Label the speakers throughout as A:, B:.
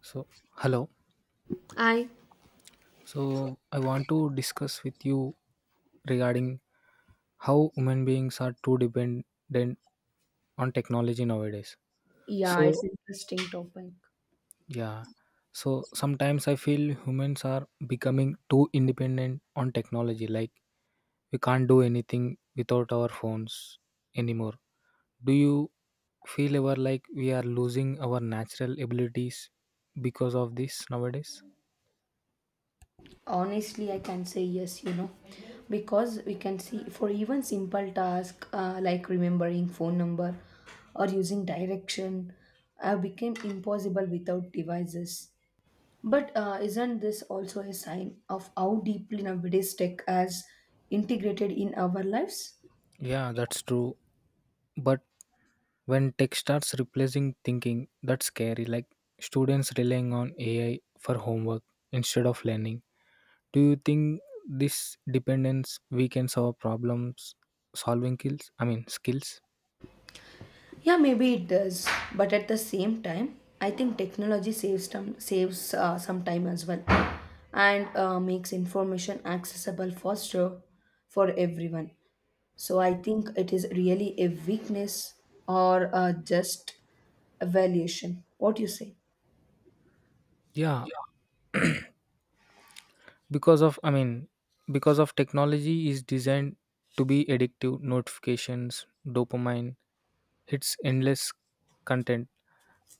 A: So, hello.
B: I
A: So, I want to discuss with you regarding how human beings are too dependent on technology nowadays.
B: Yeah, it's
A: So,
B: interesting topic.
A: yeah. So, sometimes I feel humans are becoming too independent on technology. Like, we can't do anything without our phones anymore. Do you feel ever like we are losing our natural abilities because of this nowadays?
B: Honestly, I can say yes, because we can see for even simple task like remembering phone number or using direction became impossible without devices. But isn't this also a sign of how deeply nowadays tech has integrated in our lives?
A: Yeah, that's true. But when tech starts replacing thinking, that's scary, like students relying on AI for homework instead of learning. Do you think this dependence weakens our problems solving skills? I mean, skills?
B: Yeah, maybe it does. But at the same time, I think technology saves time, saves some time as well, and makes information accessible faster for everyone. So I think it is really a weakness or just evaluation. What do you say?
A: Yeah, I mean, because of technology is designed to be addictive notifications, dopamine, hits endless content.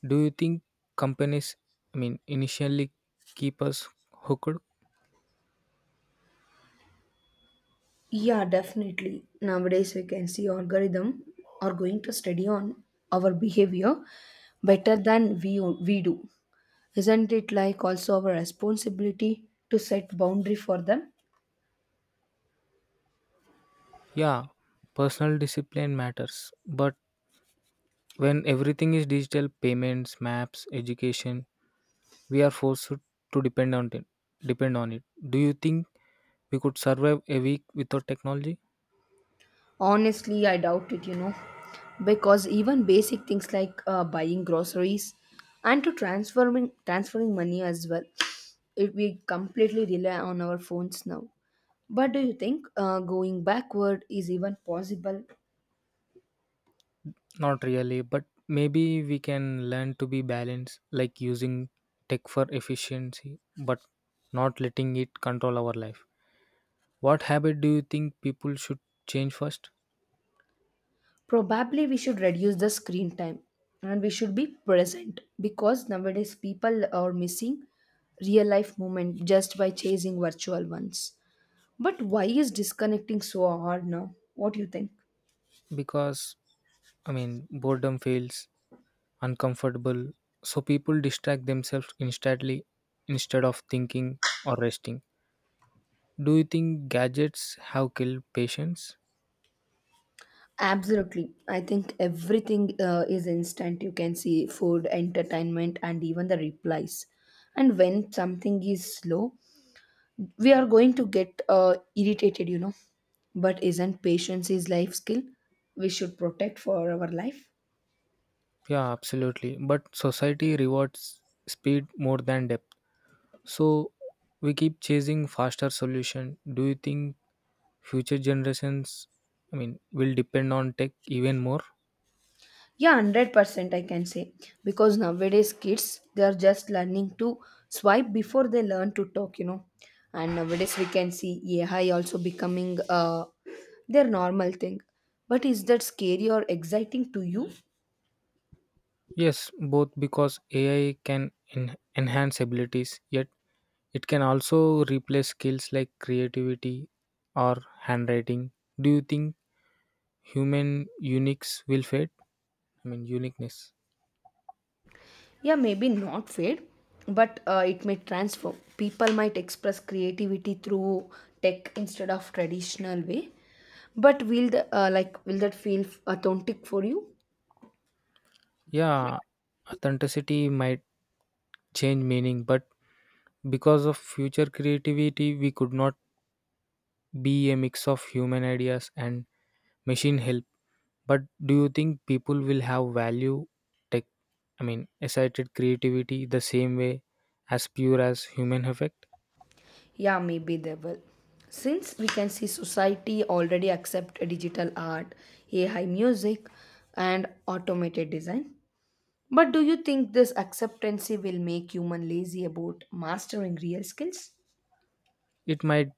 A: Do you think companies, I mean, initially keep us hooked?
B: Yeah, definitely. Nowadays, we can see algorithm are going to study on our behavior better than we do. Isn't it like also our responsibility to set boundary for them?
A: Yeah, personal discipline matters. But when everything is digital, payments, maps, education, we are forced to depend on it. Depend on it. Do you think we could survive a week without technology?
B: Honestly, I doubt it, because even basic things like buying groceries and to transferring money as well, we completely rely on our phones now. But do you think going backward is even possible.
A: Not really, but maybe we can learn to be balanced, like using tech for efficiency, but not letting it control our life. What habit do you think people should change first?
B: Probably we should reduce the screen time and we should be present because nowadays people are missing real life moment just by chasing virtual ones. But why is disconnecting so hard now? What do you think?
A: Because I mean, boredom fails uncomfortable, so people distract themselves instantly instead of thinking or resting. Do you think gadgets have killed patience?
B: Absolutely. I think everything is instant. You can see food, entertainment, and even the replies. And when something is slow, we are going to get irritated, but isn't patience is life skill we should protect for our life?
A: Yeah, absolutely. But society rewards speed more than depth. So we keep chasing faster solution. Do you think future generations, I mean, will depend on tech even more?
B: Yeah, 100% I can say because nowadays kids they are just learning to swipe before they learn to talk. And nowadays we can see AI also becoming their normal thing. But is that scary or exciting to you?
A: Yes, both because AI can enhance abilities, yet it can also replace skills like creativity or handwriting. Do you think human uniques will fade? I mean, uniqueness.
B: Yeah, maybe not fade, but it may transform. People might express creativity through tech instead of traditional way. But will like will that feel authentic for you?
A: Yeah, authenticity might change meaning, but because of future creativity, we could not be a mix of human ideas and machine help. But do you think people will have value tech? I mean, excited creativity the same way as pure as human effect?
B: Yeah, maybe they will. Since we can see society already accept digital art, AI music, and automated design. But do you think this acceptancy will make human lazy about mastering real skills?
A: It might,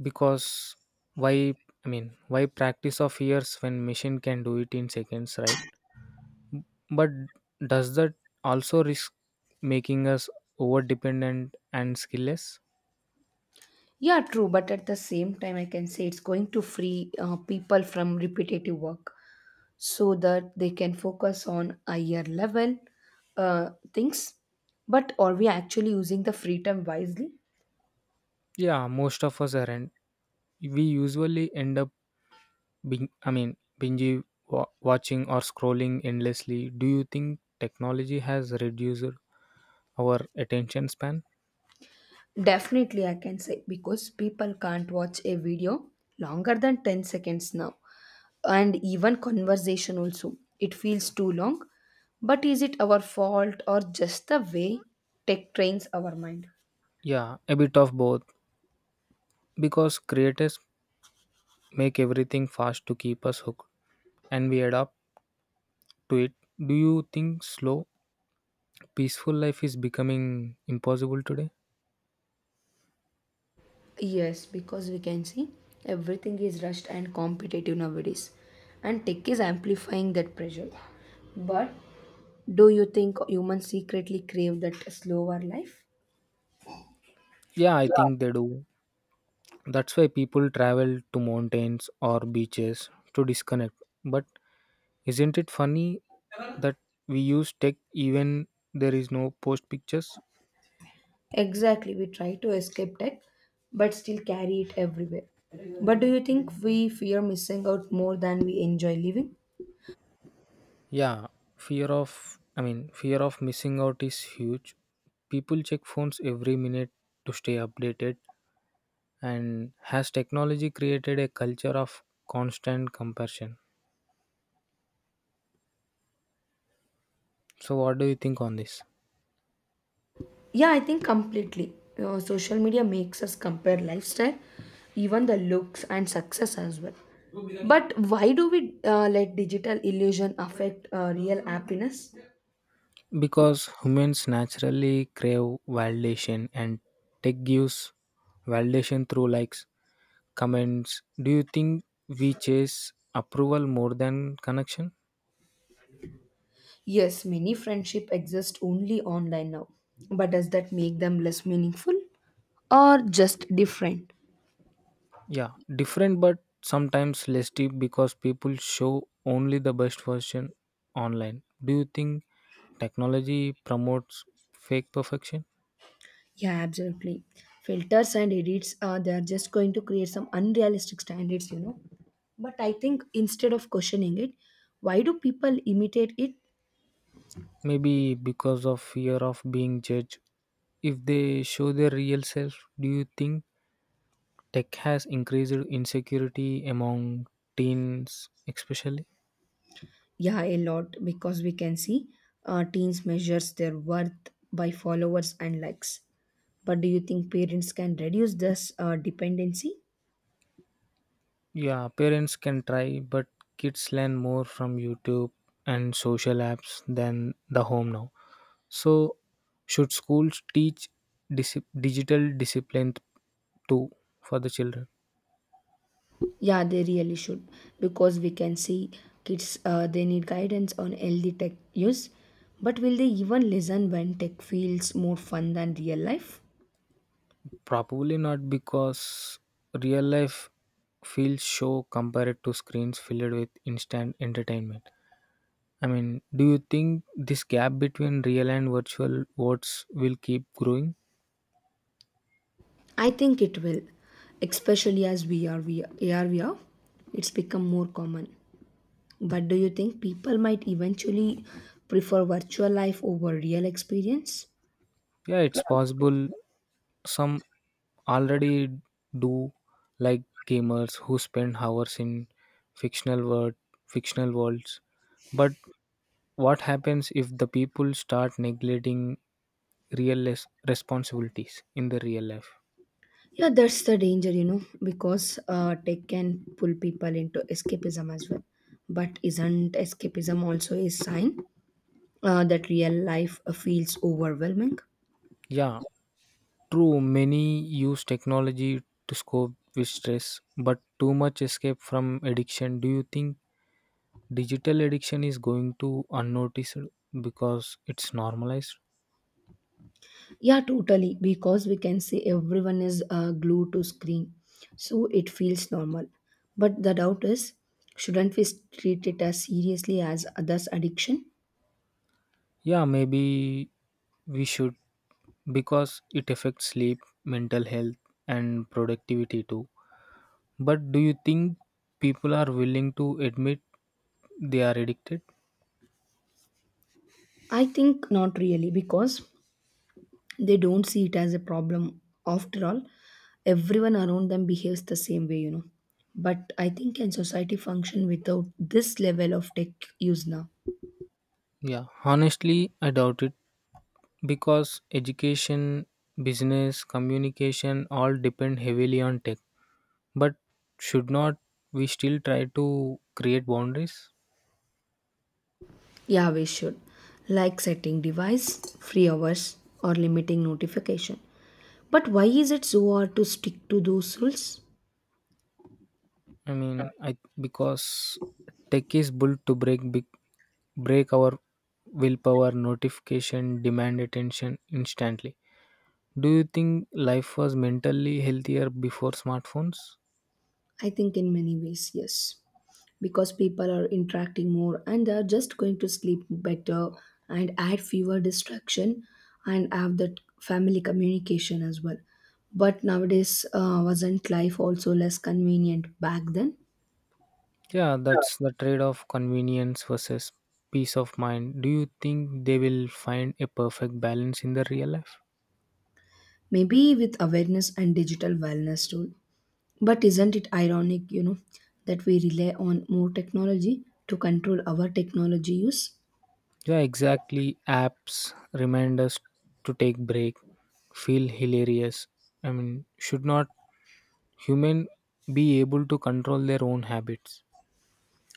A: because why, I mean, why practice of years when machine can do it in seconds, right? But does that also risk making us over dependent and skillless?
B: Yeah, true, but at the same time, I can say it's going to free people from repetitive work so that they can focus on higher level things. But are we actually using the free time wisely?
A: Yeah, most of us aren't. We usually end up being, I mean, binge watching or scrolling endlessly. Do you think technology has reduced our attention span?
B: Definitely, I can say because people can't watch a video longer than 10 seconds now, and even conversation also. It feels too long. But is it our fault or just the way tech trains our mind?
A: Yeah, a bit of both, because creators make everything fast to keep us hooked and we adapt to it. Do you think slow, peaceful life is becoming impossible today?
B: Yes, because we can see everything is rushed and competitive nowadays, and tech is amplifying that pressure. But do you think humans secretly crave that slower life?
A: Yeah, I think they do. That's why people travel to mountains or beaches to disconnect. But isn't it funny that we use tech even there is no post pictures?
B: Exactly, we try to escape tech, but still carry it everywhere. But do you think we fear missing out more than we enjoy living?
A: Yeah, fear of I mean, fear of missing out is huge. People check phones every minute to stay updated, and has technology created a culture of constant comparison? So what do you think on this?
B: Yeah, I think completely. Social media makes us compare lifestyle, even the looks and success as well. But why do we let digital illusion affect real happiness?
A: Because humans naturally crave validation, and tech gives validation through likes, comments. Do you think we chase approval more than connection?
B: Yes, many friendship exist only online now. But does that make them less meaningful or just different?
A: Yeah, different but sometimes less deep, because people show only the best version online. Do you think technology promotes fake perfection?
B: Yeah, absolutely. Filters and edits, they are just going to create some unrealistic standards. But I think instead of questioning it, why do people imitate it?
A: Maybe because of fear of being judged. If they show their real self, do you think tech has increased insecurity among teens especially?
B: Yeah, a lot because we can see teens measures their worth by followers and likes. But do you think parents can reduce this dependency?
A: Yeah, parents can try, but kids learn more from YouTube and social apps than the home now. So should schools teach digital discipline too, for the children?
B: Yeah, they really should because we can see kids they need guidance on healthy tech use. But will they even listen when tech feels more fun than real life?
A: Probably not, because real life feels show compared to screens filled with instant entertainment. I mean, do you think this gap between real and virtual votes will keep growing?
B: I think it will, especially as VR, AR, VR, it's become more common. But do you think people might eventually prefer virtual life over real experience?
A: Yeah, it's possible. Some already do, like gamers who spend hours in fictional world, fictional worlds. But what happens if the people start neglecting real responsibilities in the real life?
B: Yeah, that's the danger, because tech can pull people into escapism as well. But isn't escapism also a sign that real life feels overwhelming?
A: Yeah, true, many use technology to cope with stress, but too much escape from addiction. Do you think digital addiction is going to unnoticed because it's normalized?
B: Yeah, totally, because we can see everyone is glued to screen, so it feels normal. But the doubt is, shouldn't we treat it as seriously as others' addiction?
A: Yeah, maybe we should, because it affects sleep, mental health, and productivity too. But do you think people are willing to admit they are addicted?
B: I think not really because they don't see it as a problem. After all, everyone around them behaves the same way. But I think can society function without this level of tech use now?
A: Yeah, honestly, I doubt it. Because education, business, communication all depend heavily on tech. But should not we still try to create boundaries?
B: Yeah, we should. Like setting device, free hours, or limiting notification. But why is it so hard to stick to those rules?
A: I mean, I because tech is built to break big, break our willpower, notification, demand attention instantly. Do you think life was mentally healthier before smartphones?
B: I think in many ways, yes. Because people are interacting more and they're just going to sleep better and add fewer distraction and have that family communication as well. But nowadays, wasn't life also less convenient back then?
A: Yeah, that's the trade off, convenience versus peace of mind. Do you think they will find a perfect balance in the real life?
B: Maybe with awareness and digital wellness too. But isn't it ironic, that we rely on more technology to control our technology use?
A: Yeah, exactly. Apps remind us to take break, feel hilarious. I mean, should not human be able to control their own habits?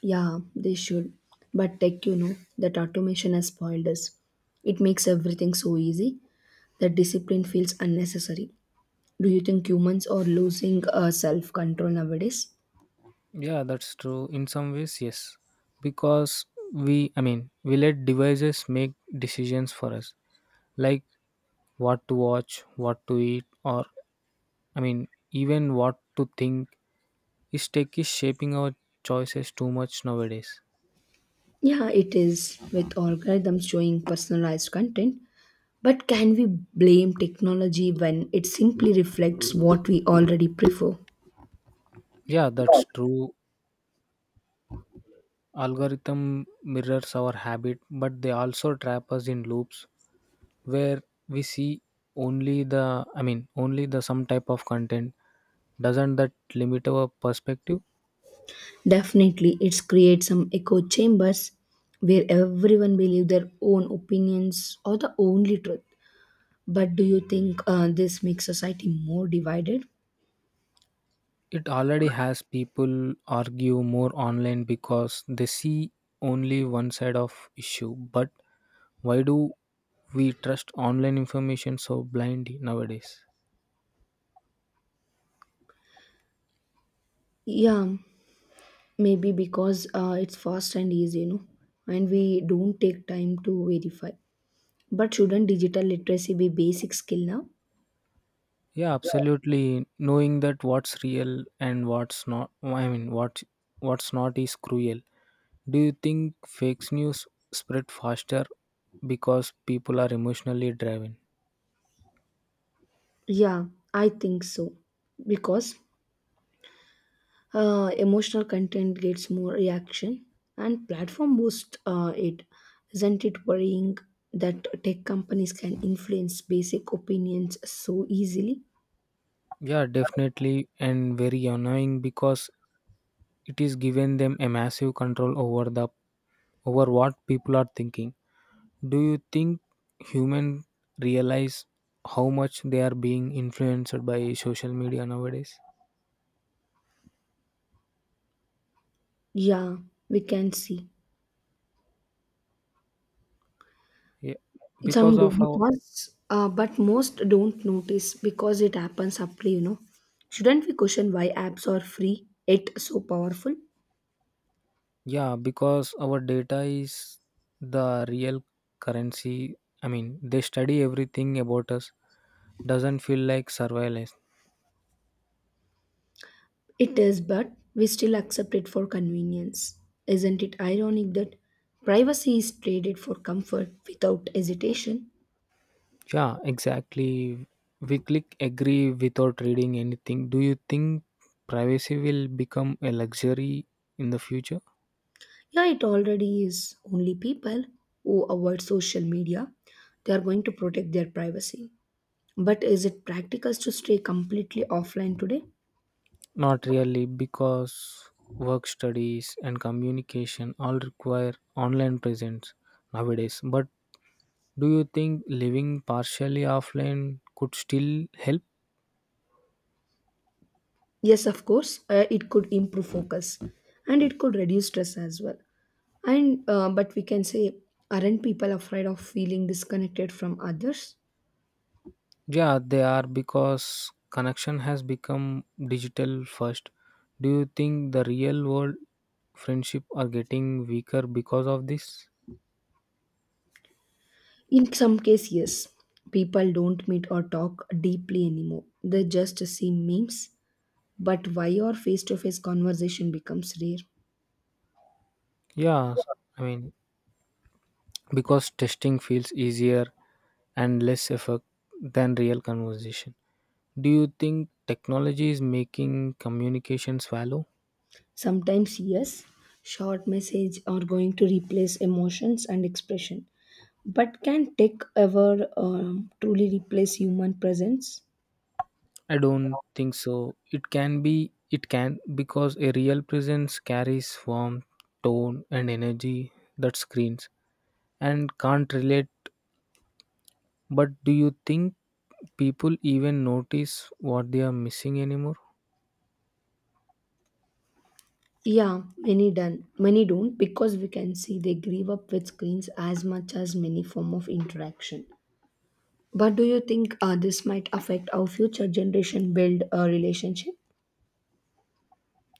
B: Yeah, they should. But tech, that automation has spoiled us. It makes everything so easy that discipline feels unnecessary. Do you think humans are losing self control nowadays?
A: Yeah, that's true. In some ways, yes. Because I mean, we let devices make decisions for us, like what to watch, what to eat, or, I mean, even what to think. Is tech is shaping our choices too much nowadays?
B: Yeah, it is, with algorithms showing personalized content. But can we blame technology when it simply reflects what we already prefer?
A: Yeah, that's true. Algorithm mirrors our habit, but they also trap us in loops where we see only the I mean, only the some type of content. Doesn't that limit our perspective?
B: Definitely, it's creates some echo chambers where everyone believes their own opinions are the only truth. But do you think this makes society more divided?
A: It already has. People argue more online because they see only one side of issue. But why do we trust online information so blindly nowadays?
B: Yeah, maybe because it's fast and easy, and we don't take time to verify. But shouldn't digital literacy be basic skill now?
A: Yeah, absolutely. Knowing that what's real and what's not, I mean, what's not is cruel. Do you think fake news spread faster because people are emotionally driven?
B: Yeah, I think so. Because emotional content gets more reaction and platform boost it. Isn't it worrying that tech companies can influence basic opinions so easily?
A: Yeah, definitely, and very annoying, because it is given them a massive control over what people are thinking. Do you think human realize how much they are being influenced by social media nowadays?
B: Yeah, we can see.
A: Yeah,
B: Some
A: because
B: do
A: of our
B: but most don't notice because it happens subtly. Shouldn't we question why apps are free, yet so powerful?
A: yeah because our data is the real currency. I mean, they study everything about us. Doesn't feel like surveillance?
B: It is, but we still accept it for convenience. Isn't it ironic that privacy is traded for comfort without hesitation?
A: Yeah, exactly. We click agree without reading anything. Do you think privacy will become a luxury in the future?
B: Yeah, it already is. Only people who avoid social media, they are going to protect their privacy. But is it practical to stay completely offline today?
A: Not really, because work studies and communication all require online presence nowadays. But do you think living partially offline could still help?
B: Yes, of course, it could improve focus and it could reduce stress as well. And but we can say, aren't people afraid of feeling disconnected from others?
A: Yeah, they are, because connection has become digital first. Do you think the real world friendship are getting weaker because of this?
B: In some cases, yes, people don't meet or talk deeply anymore. They just see memes. But why or face to face conversation becomes rare?
A: Yeah, I mean, because testing feels easier and less effort than real conversation. Do you think technology is making communication shallow?
B: Sometimes, yes, short message are going to replace emotions and expression. But can tech ever truly replace human presence?
A: I don't think so. It can, because a real presence carries warmth, tone, and energy that screens and can't relate. But do you think people even notice what they are missing anymore?
B: Yeah, many done. Many don't because we can see they grew up with screens as much as many form of interaction. But do you think this might affect our future generation build a relationship?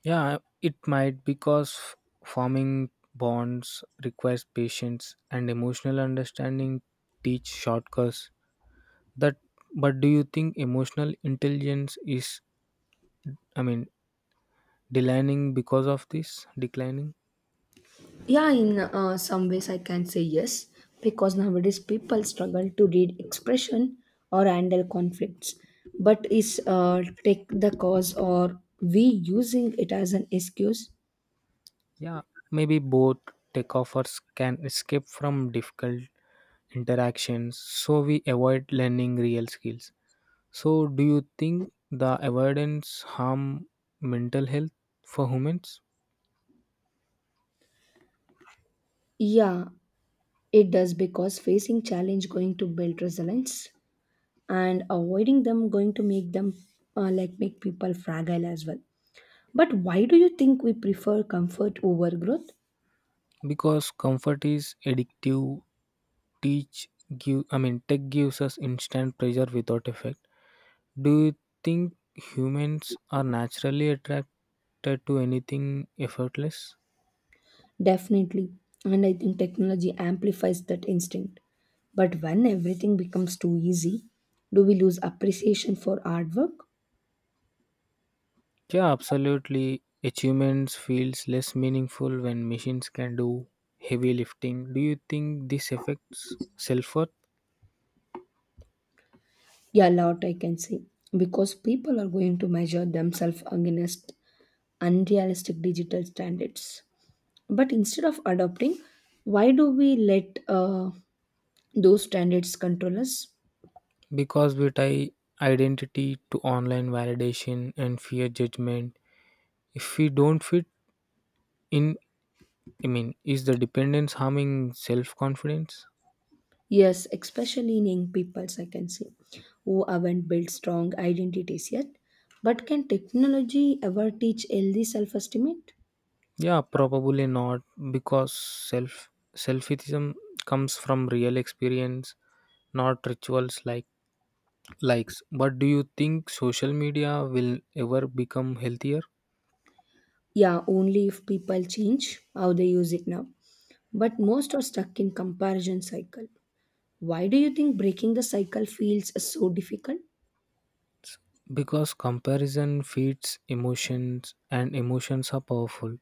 A: Yeah, it might, because forming bonds requires patience and emotional understanding teach shortcuts. That But do you think emotional intelligence is, I mean, declining because of this? Declining?
B: Yeah, in some ways I can say yes because nowadays people struggle to read expression or handle conflicts. But is take the cause or we using it as an excuse?
A: Yeah. Maybe both. Takeoffers can escape from difficult interactions, so we avoid learning real skills. So, do you think the avoidance harm mental health for humans?
B: Yeah, it does because facing challenge going to build resilience and avoiding them going to make them like make people fragile as well. But why do you think we prefer comfort over growth?
A: Because comfort is addictive. Teach give I mean, tech gives us instant pleasure without effect. Do you think humans are naturally attracted to anything effortless?
B: Definitely. And I think technology amplifies that instinct. But when everything becomes too easy, do we lose appreciation for hard work?
A: Yeah, absolutely. Achievements feels less meaningful when machines can do heavy lifting. Do you think this affects self worth?
B: Yeah, a lot I can say because people are going to measure themselves against unrealistic digital standards. But instead of adopting, why do we let those standards control us?
A: Because we tie identity to online validation and fear judgment. If we don't fit in, I mean, is the dependence harming self confidence?
B: Yes, especially in young peoples I can say, who haven't built strong identities yet. But can technology ever teach healthy self-esteem?
A: Yeah, probably not, because selfism comes from real experience, not rituals like likes. But do you think social media will ever become healthier?
B: Yeah, only if people change how they use it now. But most are stuck in comparison cycle. Why do you think breaking the cycle feels so difficult?
A: Because comparison feeds emotions and emotions are powerful.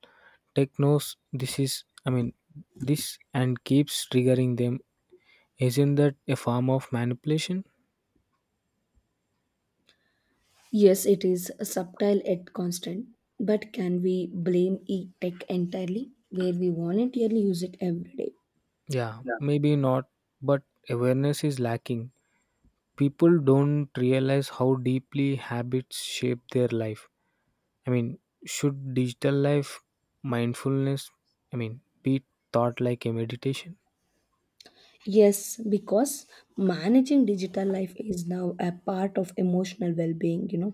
A: Tech knows I mean, this, and keeps triggering them. Isn't that a form of manipulation?
B: Yes, it is subtle yet constant. But can we blame e-tech entirely where we voluntarily use it every day?
A: Yeah,
B: Yeah.
A: maybe not, but awareness is lacking. People don't realize how deeply habits shape their life. I mean, should digital life mindfulness, I mean, be taught like a meditation?
B: Yes, because managing digital life is now a part of emotional well being.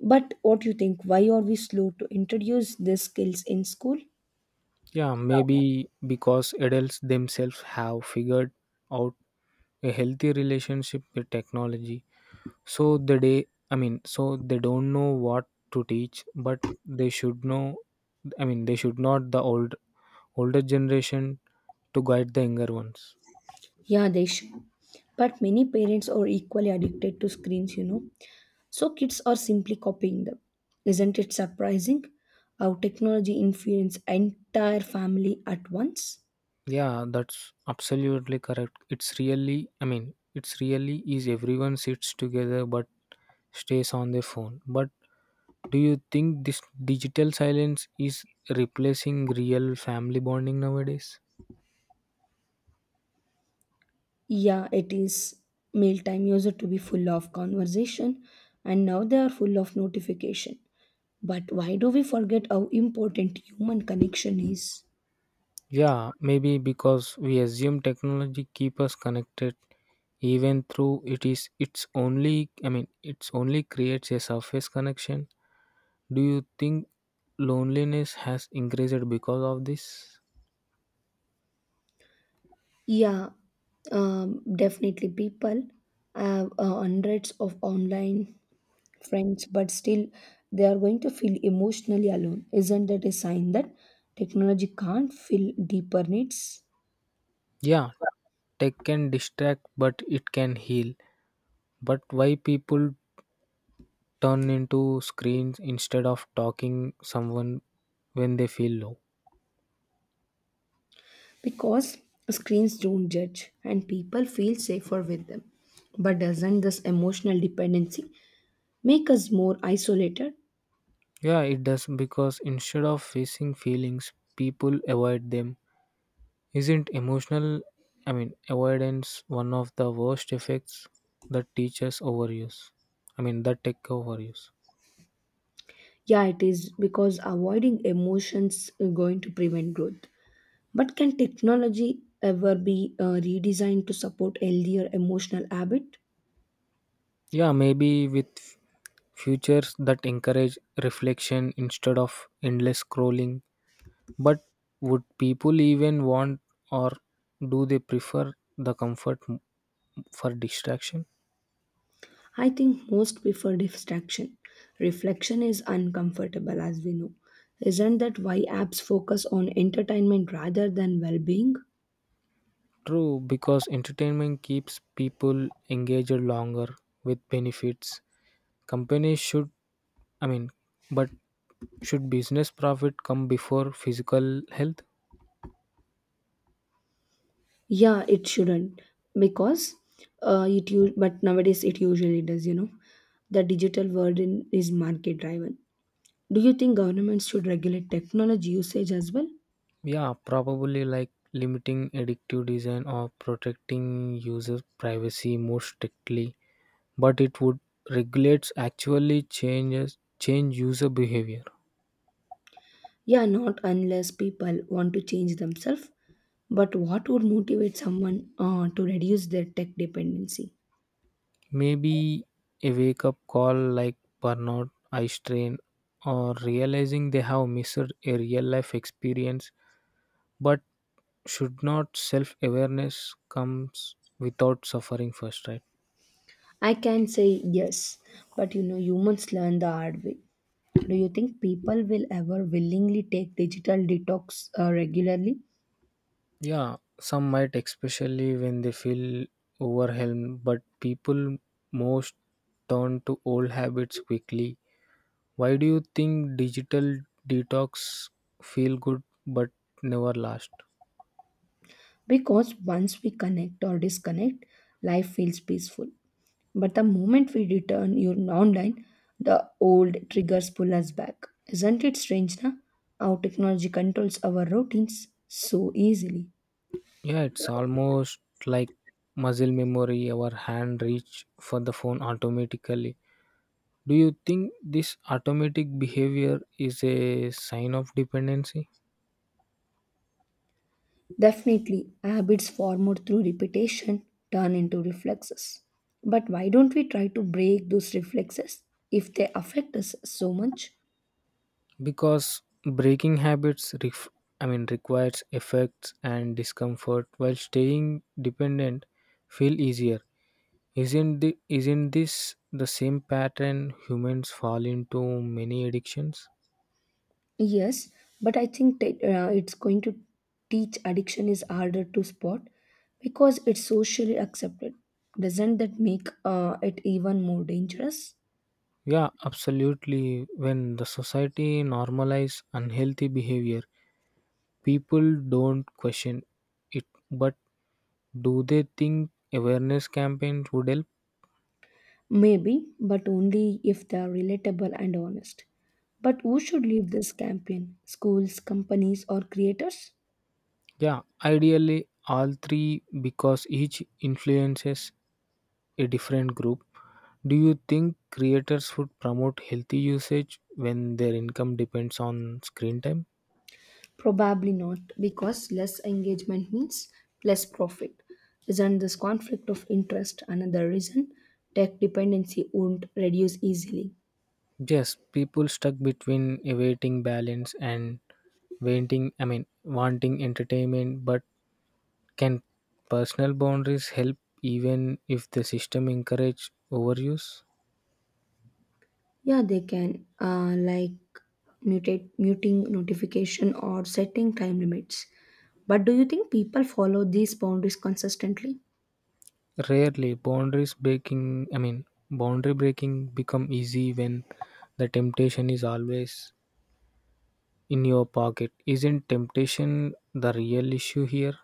B: But what do you think? Why are we slow to introduce these skills in school?
A: Yeah, maybe because adults themselves have figured out a healthy relationship with technology. I mean, so they don't know what to teach, but they should know. I mean, they should not the older generation to guide the younger ones.
B: Yeah, they should. But many parents are equally addicted to screens. So kids are simply copying them. Isn't it surprising how technology influences entire family at once?
A: Yeah, that's absolutely correct. I mean, it's really is everyone sits together but stays on their phone. But do you think this digital silence is replacing real family bonding nowadays?
B: Yeah, it is. Mealtime used to be full of conversation, and now they are full of notification. But why do we forget how important human connection is?
A: Yeah, maybe because we assume technology keep us connected even through it's only I mean, it's only creates a surface connection. Do you think loneliness has increased because of this?
B: Yeah, definitely. People have hundreds of online friends, but still they are going to feel emotionally alone. Isn't that a sign that technology can't fill deeper needs?
A: Yeah, tech can distract but it can heal. But why people turn into screens instead of talking someone when they feel low?
B: Because screens don't judge and people feel safer with them. But doesn't this emotional dependency make us more isolated?
A: Yeah, it does, because instead of facing feelings, people avoid them. Isn't emotional, I mean, avoidance one of the worst effects that teachers overuse? I mean, that tech overuse.
B: Yeah, it is because avoiding emotions is going to prevent growth. But can technology ever be redesigned to support healthier emotional habit?
A: Yeah, maybe with futures that encourage reflection instead of endless scrolling. But would people even want, or do they prefer the comfort for distraction?
B: I think most prefer distraction. Reflection is uncomfortable as we know. Isn't that why apps focus on entertainment rather than well-being?
A: True, because entertainment keeps people engaged longer with benefits. Companies should, I mean, but should business profit come before physical health?
B: Yeah, it shouldn't. because but nowadays it usually does. The digital world is market driven. Do you think governments should regulate technology usage as well?
A: Yeah, probably, like limiting addictive design or protecting user privacy more strictly, but it would regulates actually change user behavior.
B: Yeah, not unless people want to change themselves. But what would motivate someone to reduce their tech dependency?
A: Maybe a wake up call like burnout, eye strain, or realizing they have missed a real life experience. But should not self awareness comes without suffering first, right?
B: I can say yes, but humans learn the hard way. Do you think people will ever willingly take digital detox regularly?
A: Yeah, some might, especially when they feel overwhelmed, but people most turn to old habits quickly. Why do you think digital detox feel good but never last?
B: Because once we connect or disconnect, life feels peaceful. But the moment we return you online, the old triggers pull us back. Isn't it strange, na? How technology controls our routines so easily.
A: Yeah, it's almost like muscle memory. Our hand reach for the phone automatically. Do you think this automatic behavior is a sign of dependency?
B: Definitely, habits formed through repetition turn into reflexes. But why don't we try to break those reflexes if they affect us so much?
A: Because breaking habits, I mean, requires effects and discomfort, while staying dependent feel easier. Isn't this the same pattern humans fall into many addictions?
B: Yes, but I think it's going to teach addiction is harder to spot because it's socially accepted. Doesn't that make it even more dangerous?
A: Yeah, absolutely. When the society normalize unhealthy behavior, people don't question it. But do they think awareness campaigns would help?
B: Maybe, but only if they are relatable and honest. But who should lead this campaign? Schools, companies, or creators?
A: Yeah, ideally all three, because each influences a different group. Do you think creators would promote healthy usage when their income depends on screen time?
B: Probably not, because less engagement means less profit. Isn't this conflict of interest another reason tech dependency won't reduce easily?
A: Yes, people stuck between awaiting balance and waiting, I mean, wanting entertainment, but can personal boundaries help even if the system encourage overuse?
B: Yeah, they can, like muting notification or setting time limits. But do you think people follow these boundaries consistently?
A: Rarely. Boundaries breaking, I mean, boundary breaking become easy when the temptation is always in your pocket. Isn't temptation the real issue here?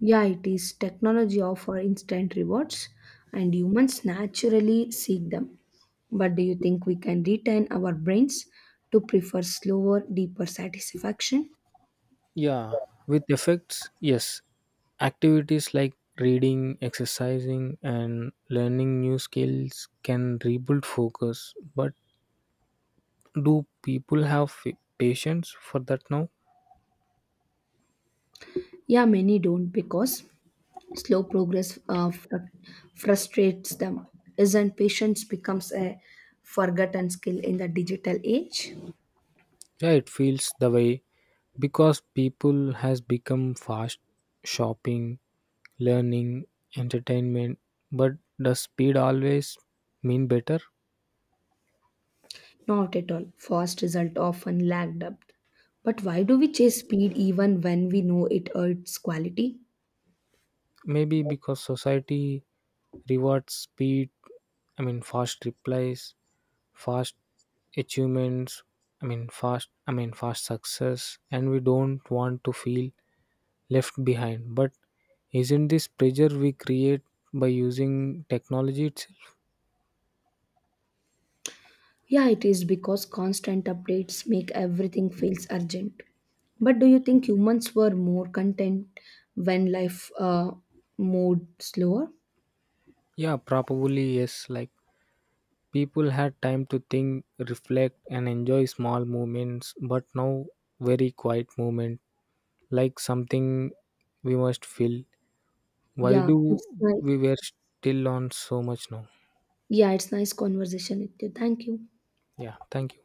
B: Yeah, it is technology offer instant rewards, and humans naturally seek them. But do you think we can retrain our brains to prefer slower, deeper satisfaction?
A: Yeah, with effects, yes. Activities like reading, exercising, and learning new skills can rebuild focus. But do people have patience for that now?
B: Yeah, many don't because slow progress frustrates them. Isn't patience becomes a forgotten skill in the digital age?
A: Yeah, it feels the way, because people has become fast shopping, learning, entertainment. But does speed always mean better?
B: Not at all. Fast result often lagged up. But why do we chase speed even when we know it hurts quality?
A: Maybe because society rewards speed, I mean, fast replies, fast achievements, I mean, fast I mean fast success, and we don't want to feel left behind. But isn't this pressure we create by using technology itself?
B: Yeah, it is because constant updates make everything feels urgent. But do you think humans were more content when life moved slower?
A: Yeah, probably yes. Like, people had time to think, reflect, and enjoy small moments, but now very quiet moment like something we must fill. Why
B: Yeah,
A: do
B: it's nice.
A: we were still on so much now?
B: Yeah, it's nice conversation with you. Thank you.
A: Yeah, thank you.